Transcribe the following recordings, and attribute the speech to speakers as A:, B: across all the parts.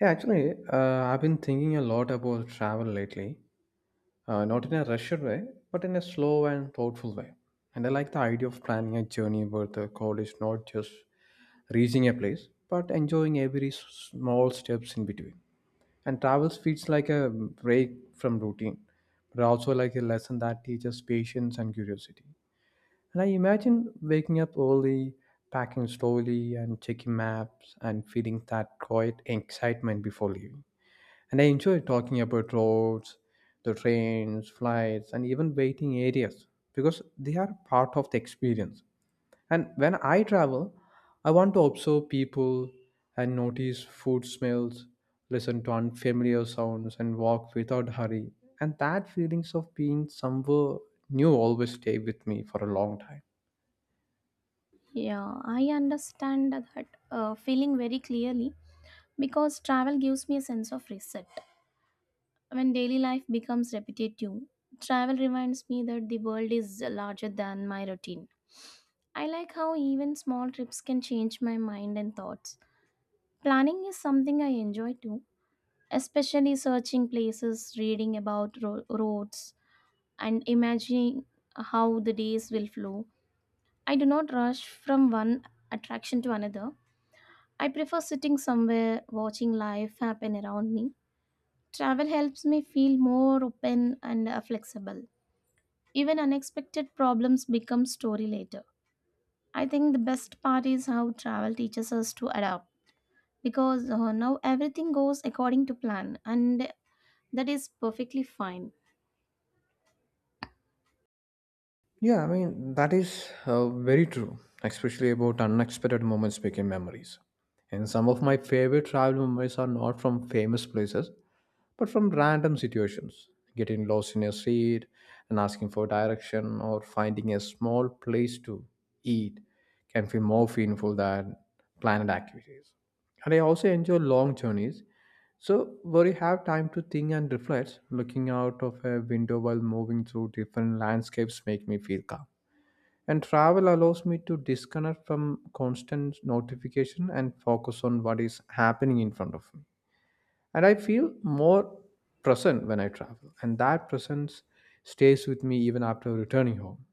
A: Yeah, actually, I've been thinking a lot about travel lately. Not in a rushed way, but in a slow and thoughtful way. And I like the idea of planning a journey where the goal is not just reaching a place, but enjoying every small steps in between. And travel feels like a break from routine, but also like a lesson that teaches patience and curiosity. And I imagine waking up early, packing slowly, and checking maps, and feeling that quiet excitement before leaving. And I enjoy talking about roads, the trains, flights, and even waiting areas because they are part of the experience. And when I travel, I want to observe people and notice food smells, listen to unfamiliar sounds, and walk without hurry. And that feelings of being somewhere new always stay with me for a long time.
B: Yeah, I understand that feeling very clearly because travel gives me a sense of reset. When daily life becomes repetitive, travel reminds me that the world is larger than my routine. I like how even small trips can change my mind and thoughts. Planning is something I enjoy too, especially searching places, reading about roads, and imagining how the days will flow. I do not rush from one attraction to another. I prefer sitting somewhere, watching life happen around me. Travel helps me feel more open and flexible. Even unexpected problems become story later. I think the best part is how travel teaches us to adapt because now everything goes according to plan and that is perfectly fine.
A: Yeah, I mean, that is very true, especially about unexpected moments became memories. And some of my favorite travel memories are not from famous places, but from random situations getting lost in a street and asking for direction or finding a small place to eat can feel more meaningful than planned activities. And I also enjoy long journeys, so where you have time to think and reflect looking out of a window while moving through different landscapes make me feel calm. And travel allows me to disconnect from constant notification and focus on what is happening in front of me. And I feel more present when I travel, and that presence stays with me even after returning home.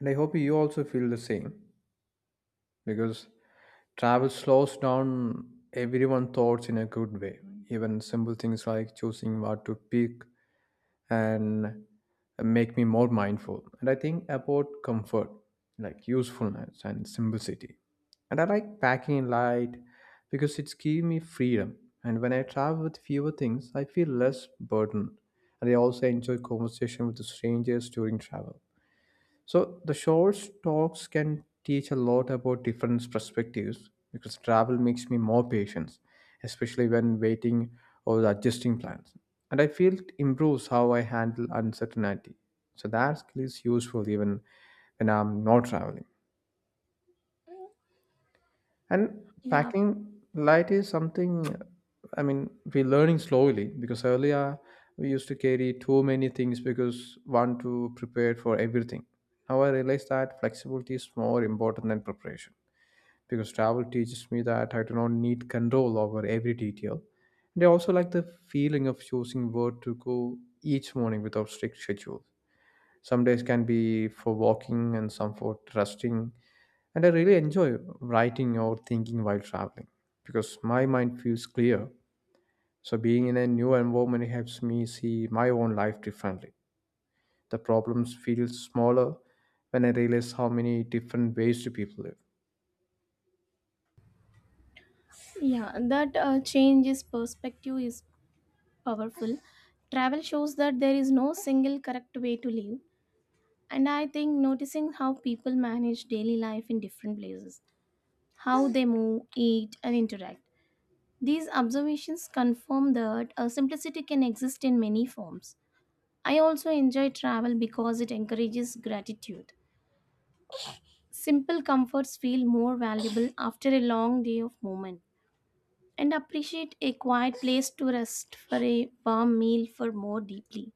A: And I hope you also feel the same, because travel slows down everyone's thoughts in a good way. Even simple things like choosing what to pick and make me more mindful. And I think about comfort, like usefulness and simplicity. And I like packing light because it's giving me freedom. And when I travel with fewer things, I feel less burdened. And I also enjoy conversation with strangers during travel. So the short talks can teach a lot about different perspectives because travel makes me more patient, especially when waiting or adjusting plans. And I feel it improves how I handle uncertainty. So that skill is useful even when I'm not traveling. And
B: Yeah,
A: packing light is something, I mean, we're learning slowly because earlier we used to carry too many things because want to prepare for everything. Now I realize that flexibility is more important than preparation because travel teaches me that I do not need control over every detail. And I also like the feeling of choosing where to go each morning without strict schedule. Some days can be for walking and some for resting, and I really enjoy writing or thinking while traveling because my mind feels clear. So being in a new environment helps me see my own life differently. The problems feel smaller when I realize how many different ways do people live.
B: yeah, that changes perspective is powerful. Travel shows that there is no single correct way to live. And I think noticing how people manage daily life in different places, how they move, eat, and interact. These observations confirm that a simplicity can exist in many forms. I also enjoy travel because it encourages gratitude. Simple comforts feel more valuable after a long day of movement, and appreciate a quiet place to rest for a warm meal for more deeply.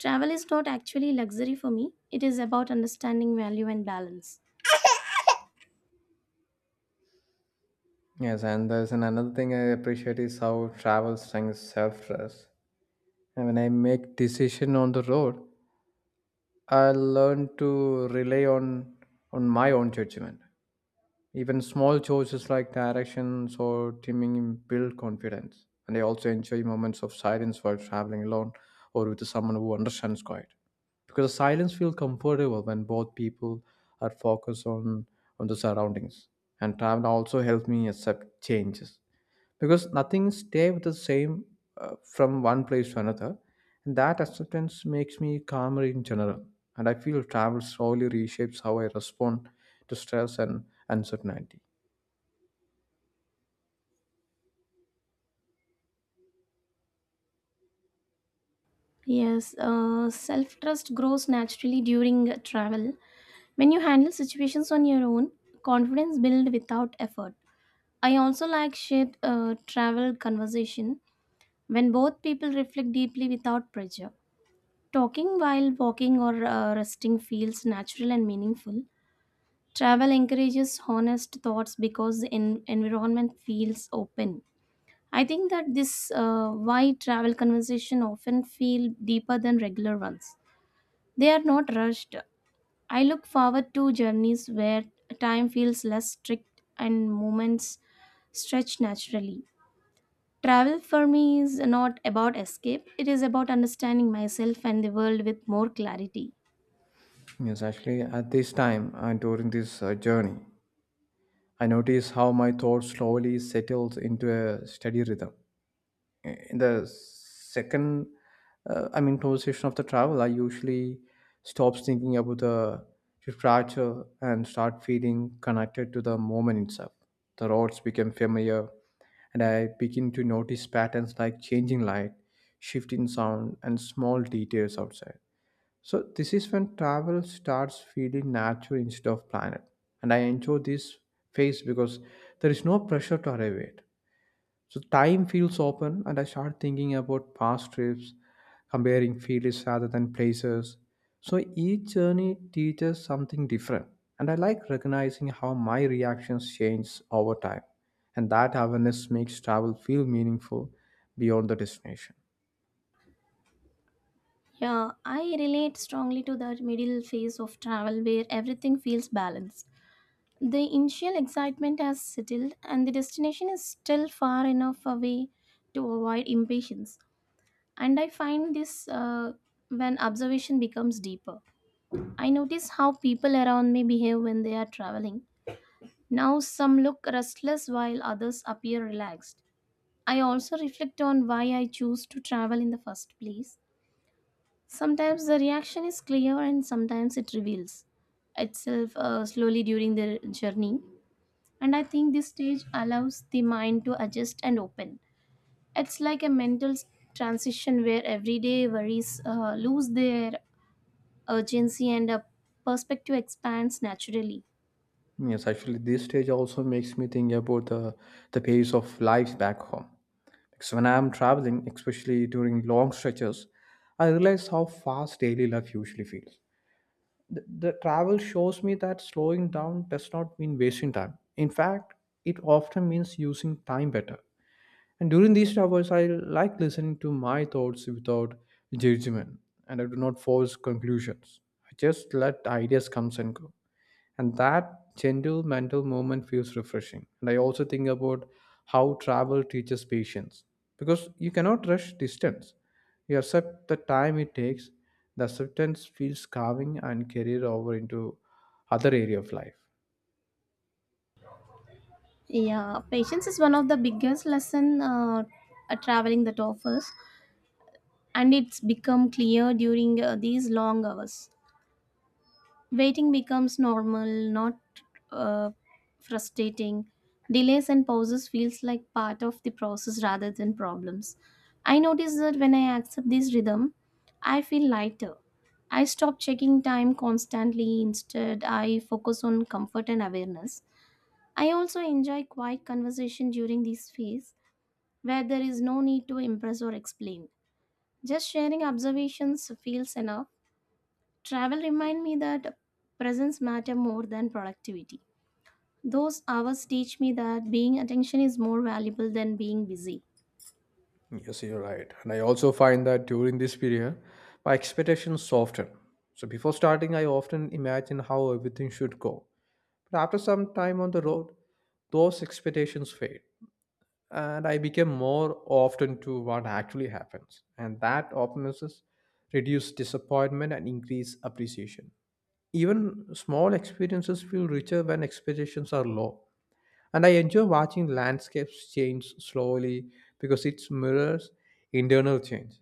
B: Travel is not actually luxury for me, it is about understanding value and balance.
A: Yes, and there's an another thing I appreciate is how travel strengthens self-trust. And when I make decision on the road, I learn to rely on my own judgment. Even small choices like directions or trimming build confidence. And I also enjoy moments of silence while traveling alone or with someone who understands quiet. Because silence feels comfortable when both people are focused on the surroundings. And travel also helps me accept changes because nothing stay with the same from one place to another, and that acceptance makes me calmer in general. And I feel travel slowly reshapes how I respond to stress and uncertainty.
B: Yes, self trust grows naturally during travel. When you handle situations on your own, confidence builds without effort. I also like shared travel conversation when both people reflect deeply without pressure. Talking while walking or resting feels natural and meaningful. Travel encourages honest thoughts because the environment feels open. I think that this why travel conversation often feel deeper than regular ones. They are not rushed. I look forward to journeys where time feels less strict and moments stretch naturally. Travel for me is not about escape, it is about understanding myself and the world with more clarity.
A: Yes, actually, at this time and during this journey, I notice how my thoughts slowly settles into a steady rhythm. In the second, I mean conversation of the travel, I usually stops thinking about the departure and start feeling connected to the moment itself. The roads become familiar, and I begin to notice patterns like changing light, shifting sound, and small details outside. So this is when travel starts feeling natural instead of planned, and I enjoy this phase because there is no pressure to arrive at. So time feels open, and I start thinking about past trips, comparing fields rather than places. So each journey teaches something different, and I like recognizing how my reactions change over time. And that awareness makes travel feel meaningful beyond the destination.
B: Yeah, I relate strongly to that middle phase of travel where everything feels balanced. The initial excitement has settled and the destination is still far enough away to avoid impatience. And I find this when observation becomes deeper. I notice how people around me behave when they are traveling. Now, some look restless while others appear relaxed. I also reflect on why I choose to travel in the first place. Sometimes the reaction is clear and sometimes it reveals itself slowly during the journey. And I think this stage allows the mind to adjust and open. It's like a mental transition where everyday worries lose their urgency and a perspective expands naturally.
A: Yes, actually, this stage also makes me think about the pace of life back home. Because when I'm traveling, especially during long stretches, I realize how fast daily life usually feels. The travel shows me that slowing down does not mean wasting time. In fact, it often means using time better. And during these travels, I like listening to my thoughts without judgment, and I do not force conclusions. I just let ideas come and go, and that gentle mental movement feels refreshing. And I also think about how travel teaches patience, because you cannot rush distance. You accept the time it takes. The acceptance feels calming and carried over into other area of life.
B: Yeah, patience is one of the biggest lesson traveling that offers, and it's become clear during these long hours. Waiting becomes normal, not uh, frustrating. Delays and pauses feels like part of the process rather than problems. I notice that when I accept this rhythm, I feel lighter. I stop checking time constantly. Instead, I focus on comfort and awareness. I also enjoy quiet conversation during this phase where there is no need to impress or explain. Just sharing observations feels enough. Travel remind me that presence matter more than productivity. Those hours teach me that being attention is more valuable than being busy.
A: Yes, you're right, and I also find that during this period my expectations soften. So before starting I often imagine how everything should go, but after some time on the road those expectations fade, and I became more often to what actually happens. And that optimism reduce disappointment and increase appreciation. Even small experiences feel richer when expectations are low. And I enjoy watching landscapes change slowly because it mirrors internal change.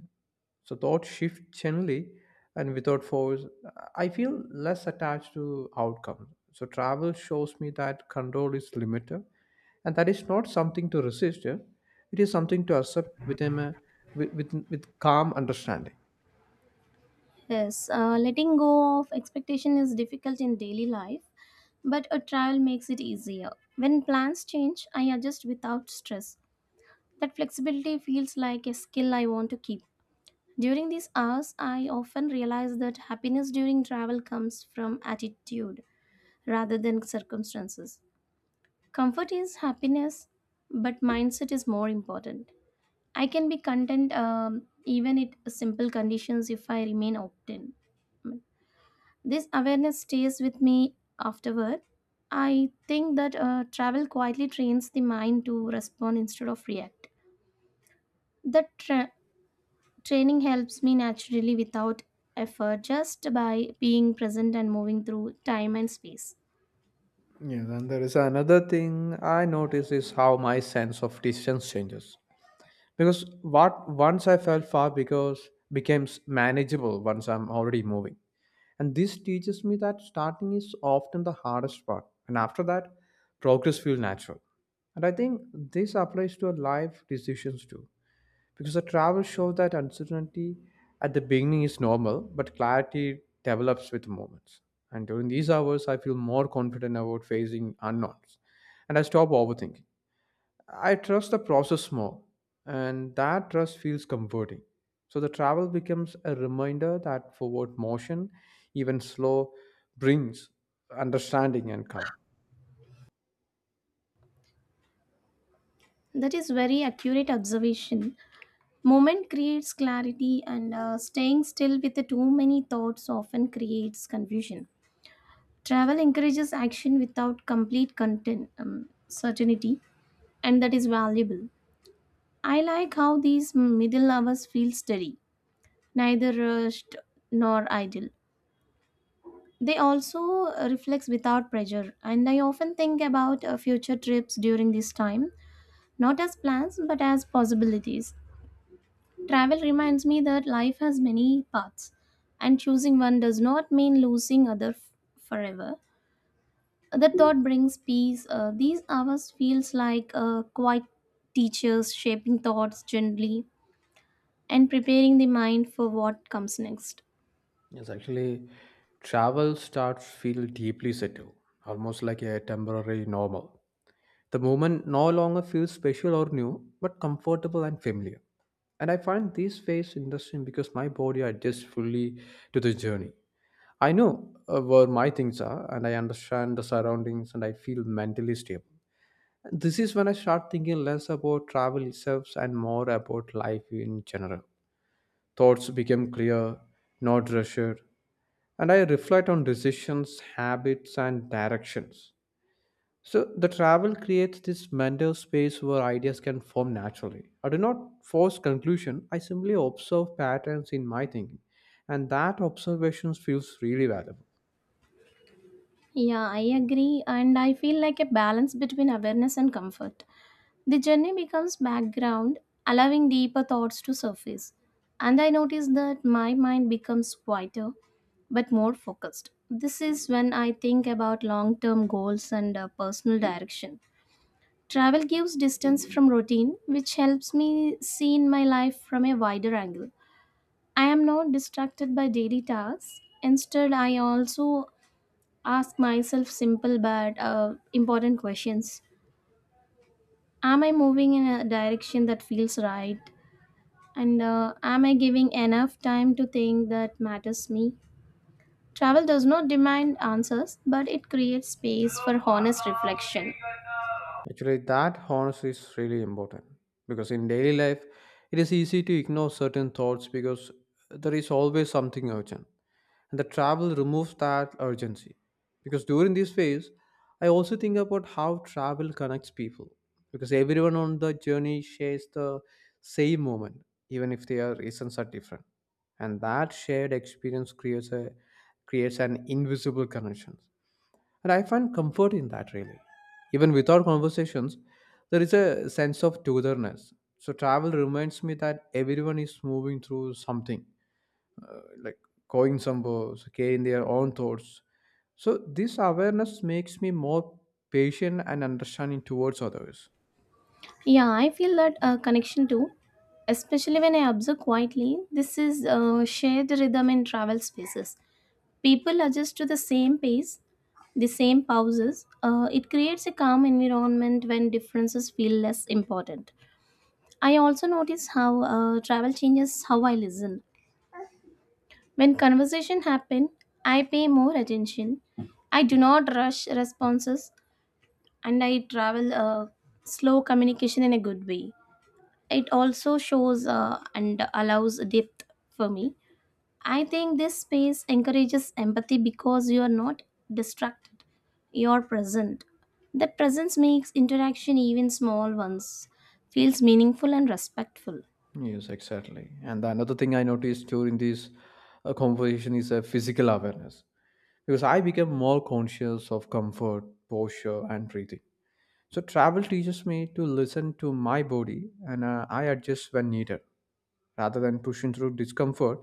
A: So thought shift generally and without force, I feel less attached to outcome. So travel shows me that control is limited and that is not something to resist. Yeah. It is something to accept within a, with calm understanding.
B: Yes, letting go of expectation is difficult in daily life, but a travel makes it easier. When plans change, I adjust without stress. That flexibility feels like a skill I want to keep. During these hours, I often realize that happiness during travel comes from attitude rather than circumstances. Comfort is happiness, but mindset is more important. I can be content even at simple conditions if I remain open. This awareness stays with me afterward. I think that travel quietly trains the mind to respond instead of react. That tra- Training helps me naturally without effort, just by being present and moving through time and space.
A: Yes, and there is another thing I notice is how my sense of distance changes. Because what once I felt far because becomes manageable once I'm already moving. And this teaches me that starting is often the hardest part. And after that, progress feels natural. And I think this applies to our life decisions too. Because the travel shows that uncertainty at the beginning is normal, but clarity develops with moments. And during these hours, I feel more confident about facing unknowns. And I stop overthinking. I trust the process more, and that trust feels comforting. So the travel becomes a reminder that forward motion, even slow, brings understanding and calm.
B: That is very accurate observation. Moment creates clarity, and staying still with too many thoughts often creates confusion. Travel encourages action without complete content, certainty, and that is valuable. I like how these middle hours feel steady, neither rushed nor idle. They also reflect without pressure, and I often think about future trips during this time, not as plans but as possibilities. Travel reminds me that life has many paths, and choosing one does not mean losing other forever. That thought brings peace. These hours feels like quiet teachers shaping thoughts gently and preparing the mind for what comes next.
A: Yes, actually, travel starts feel deeply settled, almost like a temporary normal. The moment no longer feels special or new, but comfortable and familiar. And I find this phase interesting because my body adjusts fully to the journey. I know where my things are, and I understand the surroundings, and I feel mentally stable. This is when I start thinking less about travel itself and more about life in general. Thoughts become clear, not rushed, and I reflect on decisions, habits, and directions. So the travel creates this mental space where ideas can form naturally. I do not force conclusion. I simply observe patterns in my thinking, and that observation feels really valuable.
B: Yeah, I agree, and I feel like a balance between awareness and comfort. The journey becomes background, allowing deeper thoughts to surface. And I notice that my mind becomes quieter but more focused. This is when I think about long term goals and personal direction. Travel gives distance from routine, which helps me see in my life from a wider angle. I am not distracted by daily tasks. Instead, I also ask myself simple but important questions. Am I moving in a direction that feels right? And am I giving enough time to think that matters me? Travel does not demand answers, but it creates space for honest reflection.
A: Actually, that honesty is really important because in daily life, it is easy to ignore certain thoughts because there is always something urgent. And the travel removes that urgency. Because during this phase, I also think about how travel connects people because everyone on the journey shares the same moment, even if their reasons are different. And that shared experience creates an invisible connection, and I find comfort in that, really. Even without conversations, there is a sense of togetherness. So travel reminds me that everyone is moving through something, like going somewhere, so carrying their own thoughts. So this awareness makes me more patient and understanding towards others.
B: Yeah, I feel that connection too, especially when I observe quietly. This is shared rhythm in travel spaces. People adjust to the same pace, the same pauses. It creates a calm environment when differences feel less important. I also notice how travel changes how I listen. When conversation happen, I pay more attention. I do not rush responses and I travel a slow communication in a good way. It also shows and allows depth for me. I think this space encourages empathy because you are not distracted. You are present. That presence makes interaction even small ones feels meaningful and respectful.
A: Yes, exactly. And the another thing I noticed during this conversation is a physical awareness because I became more conscious of comfort, posture, and breathing. So travel teaches me to listen to my body, and I adjust when needed rather than pushing through discomfort.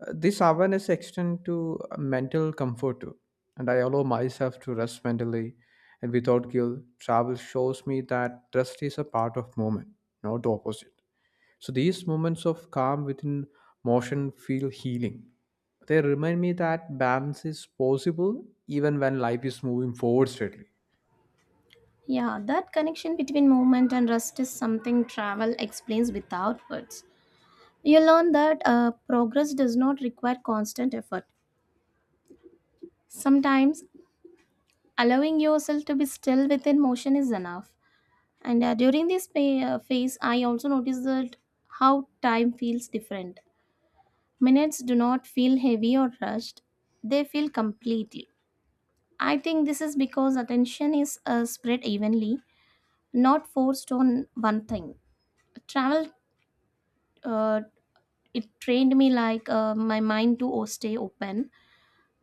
A: This awareness extends to mental comfort too, and I allow myself to rest mentally and without guilt. Travel shows me that rest is a part of movement, not the opposite. So these moments of calm within motion feel healing. They remind me that balance is possible even when life is moving forward steadily.
B: Yeah, that connection between movement and rest is something travel explains without words. You learn that progress does not require constant effort. Sometimes, allowing yourself to be still within motion is enough. And during this phase, I also noticed that how time feels different. Minutes do not feel heavy or rushed, they feel completely. I think this is because attention is spread evenly, not forced on one thing. Travel uh, it trained me like my mind to stay open.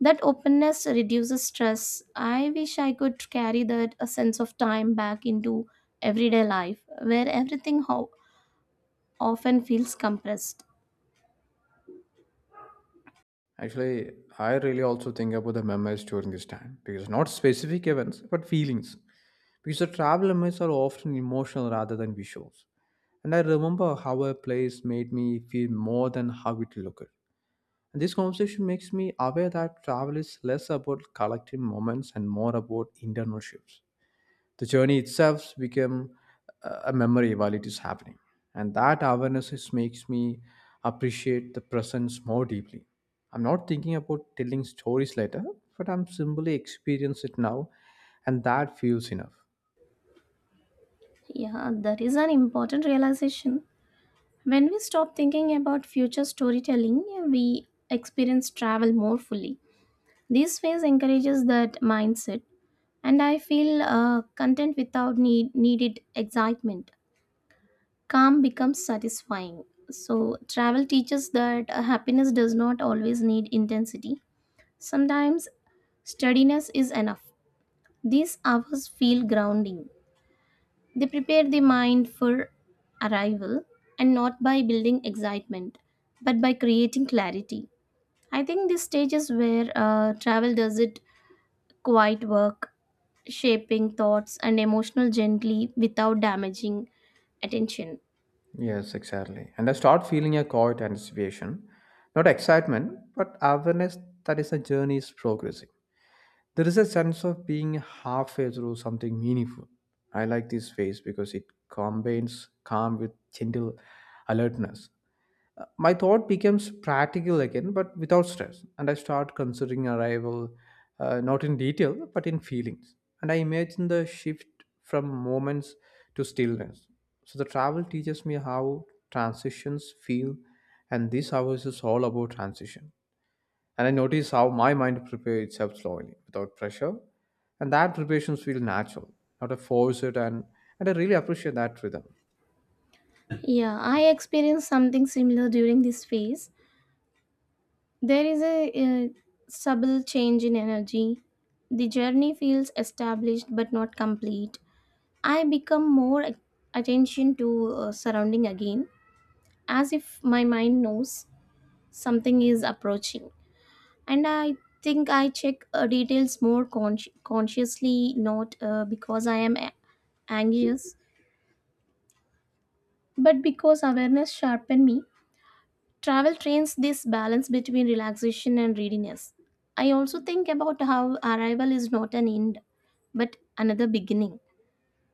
B: That openness reduces stress. I wish I could carry that a sense of time back into everyday life where everything often feels compressed.
A: Actually, I really also think about the memories during this time because not specific events but feelings. Because the travel memories are often emotional rather than visuals. And I remember how a place made me feel more than how it looked. And this conversation makes me aware that travel is less about collecting moments and more about internal shifts. The journey itself became a memory while it is happening. And that awareness is, makes me appreciate the presence more deeply. I'm not thinking about telling stories later, but I'm simply experiencing it now, and that feels enough.
B: Yeah, that is an important realization. When we stop thinking about future storytelling, we experience travel more fully. This phase encourages that mindset, and I feel content without needed excitement. Calm becomes satisfying. So, travel teaches that happiness does not always need intensity. Sometimes, steadiness is enough. These hours feel grounding. They prepare the mind for arrival and not by building excitement, but by creating clarity. I think this stage is where travel does it quiet work, shaping thoughts and emotional gently without damaging attention.
A: Yes, exactly. And I start feeling a quiet anticipation, not excitement, but awareness that is a journey is progressing. There is a sense of being halfway through something meaningful. I like this phase because it combines calm with gentle alertness. My thought becomes practical again, but without stress, and I start considering arrival not in detail but in feelings. And I imagine the shift from moments to stillness. So the travel teaches me how transitions feel, and this hours is all about transition. And I notice how my mind prepares itself slowly, without pressure. And that preparations feel natural, not a force it and I really appreciate that rhythm.
B: Yeah, I experienced something similar during this phase. There is a subtle change in energy. The journey feels established but not complete. I become more attention to surrounding again, as if my mind knows something is approaching. And I think I check details more consciously, not because I am anxious, but because awareness sharpened me. Travel trains this balance between relaxation and readiness. I also think about how arrival is not an end, but another beginning.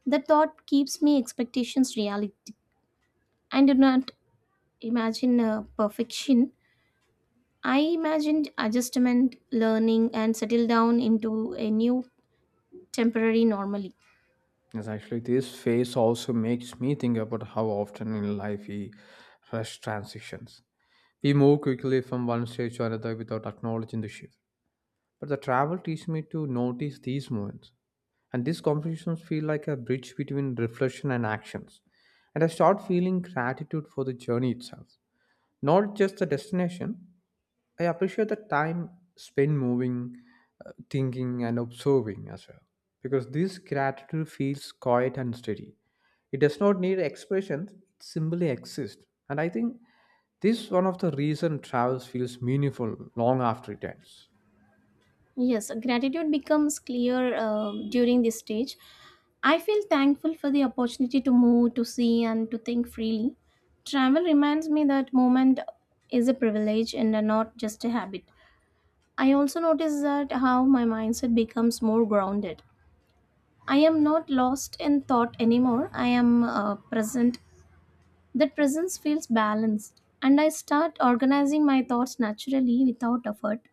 B: The thought keeps me expectations reality. I do not imagine perfection. I imagined adjustment, learning, and settle down into a new temporary normally.
A: Yes, actually, this phase also makes me think about how often in life we rush transitions. We move quickly from one stage to another without acknowledging the shift. But the travel teaches me to notice these moments. And these conversations feel like a bridge between reflection and actions. And I start feeling gratitude for the journey itself, not just the destination. I appreciate the time spent moving, thinking, and observing as well. Because this gratitude feels quiet and steady. It does not need expressions, it simply exists. And I think this is one of the reason travels feels meaningful long after it ends.
B: Yes, gratitude becomes clear during this stage. I feel thankful for the opportunity to move, to see, and to think freely. Travel reminds me that moment is a privilege and not just a habit. I also notice that how my mindset becomes more grounded. I am not lost in thought anymore. I am present. That presence feels balanced, and I start organizing my thoughts naturally without effort.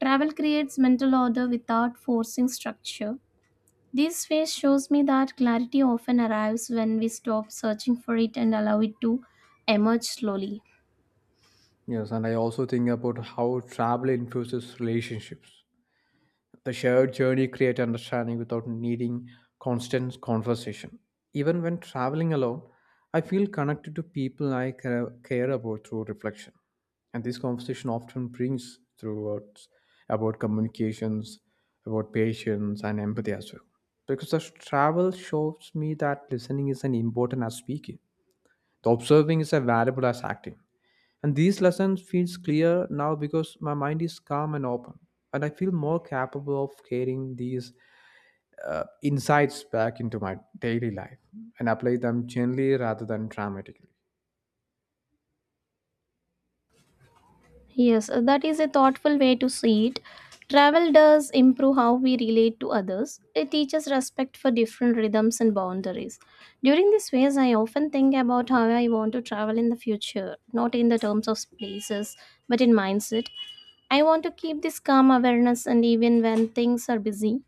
B: Travel creates mental order without forcing structure. This phase shows me that clarity often arrives when we stop searching for it and allow it to emerge slowly.
A: Yes, and I also think about how travel influences relationships. The shared journey creates understanding without needing constant conversation. Even when traveling alone, I feel connected to people I care about through reflection. And this conversation often brings throughout about communications, about patience, and empathy as well. Because the travel shows me that listening is an important as speaking. The observing is as valuable as acting. And these lessons feels clear now because my mind is calm and open, and I feel more capable of carrying these insights back into my daily life and apply them gently rather than dramatically.
B: Yes, that is a thoughtful way to see it. Travel does improve how we relate to others. It teaches respect for different rhythms and boundaries. During this phase, I often think about how I want to travel in the future, not in the terms of places, but in mindset. I want to keep this calm awareness, and even when things are busy,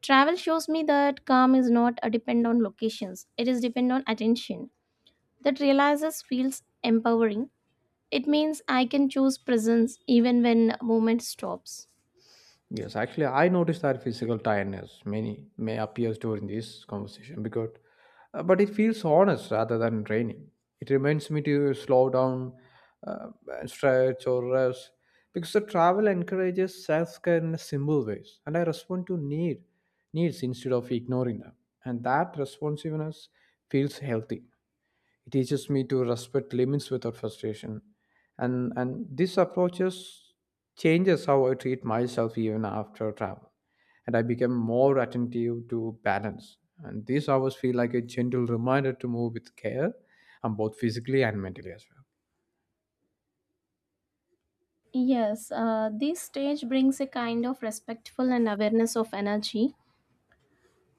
B: travel shows me that calm is not a depend on locations, it is depend on attention. That realizes feels empowering. It means I can choose presence even when movement stops.
A: Yes, actually, I noticed that physical tiredness many may appear during this conversation because, but it feels honest rather than draining. It reminds me to slow down, uh, and stretch or rest because the travel encourages self-care in simple ways, and I respond to needs instead of ignoring them, and that responsiveness feels healthy. It teaches me to respect limits without frustration. And this approach just changes how I treat myself even after travel. And I become more attentive to balance. And these hours feel like a gentle reminder to move with care, and both physically and mentally as well.
B: Yes, this stage brings a kind of respectful and awareness of energy.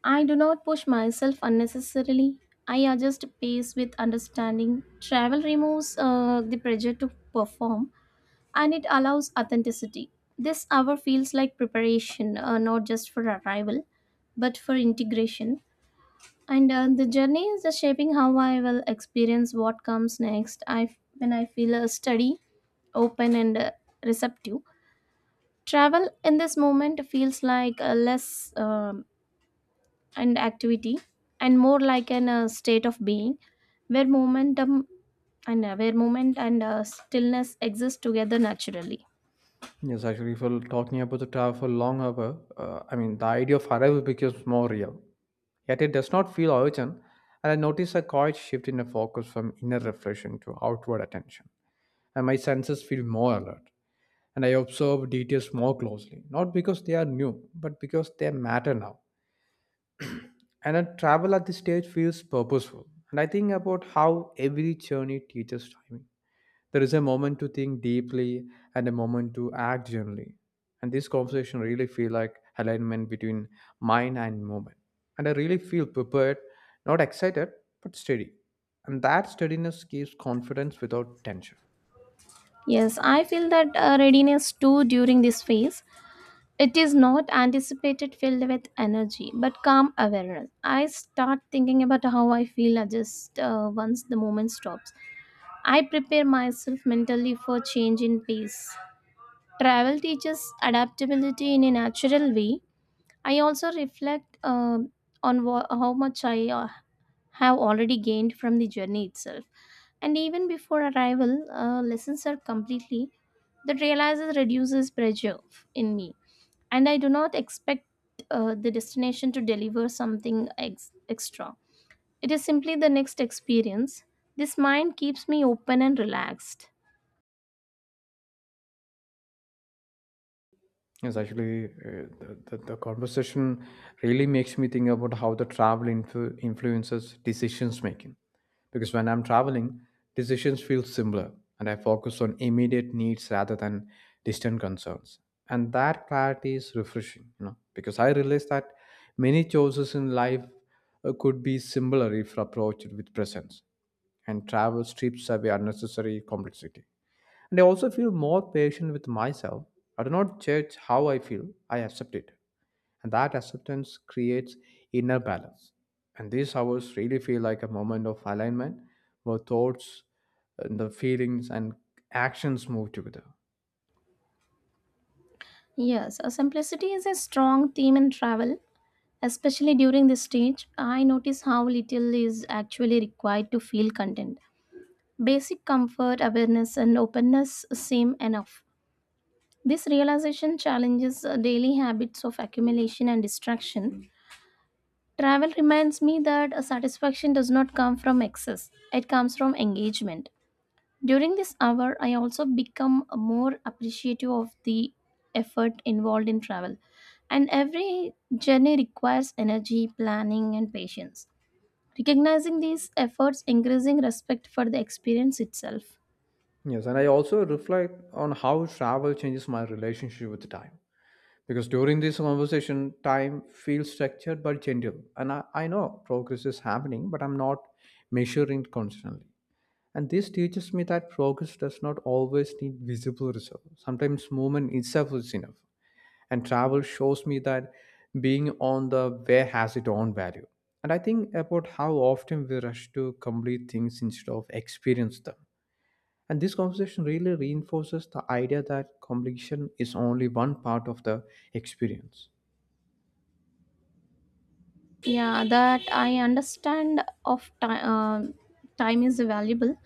B: I do not push myself unnecessarily. I adjust pace with understanding. Travel removes the pressure to perform, and it allows authenticity. This hour feels like preparation, not just for arrival, but for integration. And the journey is just shaping how I will experience what comes next. I When I feel steady, open, and receptive. Travel in this moment feels like a less an activity and more like an state of being, where momentum and where moment and stillness exist together naturally.
A: Yes, actually, if we're talking about the travel for long hour, I mean, the idea of arrival becomes more real. Yet it does not feel urgent, and I notice a quiet shift in the focus from inner reflection to outward attention, and my senses feel more alert. And I observe details more closely, not because they are new, but because they matter now. And a travel at this stage feels purposeful. And I think about how every journey teaches timing. There is a moment to think deeply and a moment to act generally. And this conversation really feel like alignment between mind and movement. And I really feel prepared, not excited, but steady. And that steadiness gives confidence without tension.
B: Yes, I feel that readiness too during this phase. It is not anticipated filled with energy, but calm awareness. I start thinking about how I feel just once the moment stops. I prepare myself mentally for change in pace. Travel teaches adaptability in a natural way. I also reflect on how much I have already gained from the journey itself. And even before arrival, lessons are completely that realizes reduces pressure in me. And I do not expect the destination to deliver something extra. It is simply the next experience. This mind keeps me open and relaxed.
A: Yes, actually, the conversation really makes me think about how the travel influences decisions making. Because when I'm traveling, decisions feel similar, and I focus on immediate needs rather than distant concerns. And that clarity is refreshing, you know, because I realize that many choices in life could be similar if approached with presence, and travel strips away unnecessary complexity. And I also feel more patient with myself. I do not judge how I feel, I accept it. And that acceptance creates inner balance. And these hours really feel like a moment of alignment where thoughts, and the feelings, and actions move together.
B: Yes, simplicity is a strong theme in travel, especially during this stage. I notice how little is actually required to feel content. Basic comfort, awareness, and openness seem enough. This realization challenges daily habits of accumulation and distraction. Travel reminds me that a satisfaction does not come from excess, it comes from engagement. During this hour, I also become more appreciative of the effort involved in travel. And every journey requires energy, planning, and patience. Recognizing these efforts, increasing respect for the experience itself.
A: Yes, and I also reflect on how travel changes my relationship with time. Because during this conversation, time feels structured but gentle. And I know progress is happening, but I'm not measuring it constantly. And this teaches me that progress does not always need visible results. Sometimes movement itself is enough. And travel shows me that being on the way has its own value. And I think about how often we rush to complete things instead of experience them. And this conversation really reinforces the idea that completion is only one part of the experience.
B: Yeah, that I understand of time, time is valuable.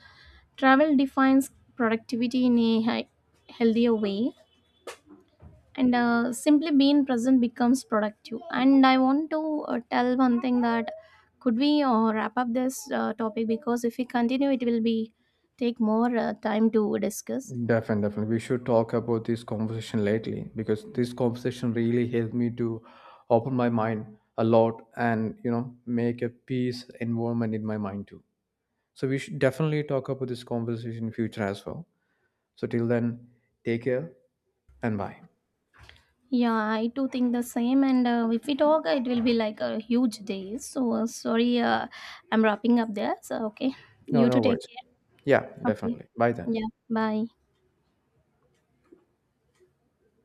B: Travel defines productivity in a healthier way, and simply being present becomes productive. And I want to tell one thing that could we wrap up this topic because if we continue, it will be take more time to discuss.
A: Definitely, definitely. We should talk about this conversation lately because this conversation really helped me to open my mind a lot, and you know make a peace environment in my mind too. So we should definitely talk about this conversation in future as well. So till then, take care and bye.
B: Yeah, I too think the same, and if we talk, it will be like a huge day. So sorry, I'm wrapping up there. So okay,
A: No,
B: you
A: no
B: to take
A: worries.
B: care.
A: Yeah,
B: Okay,
A: definitely. Bye then.
B: ya, bye.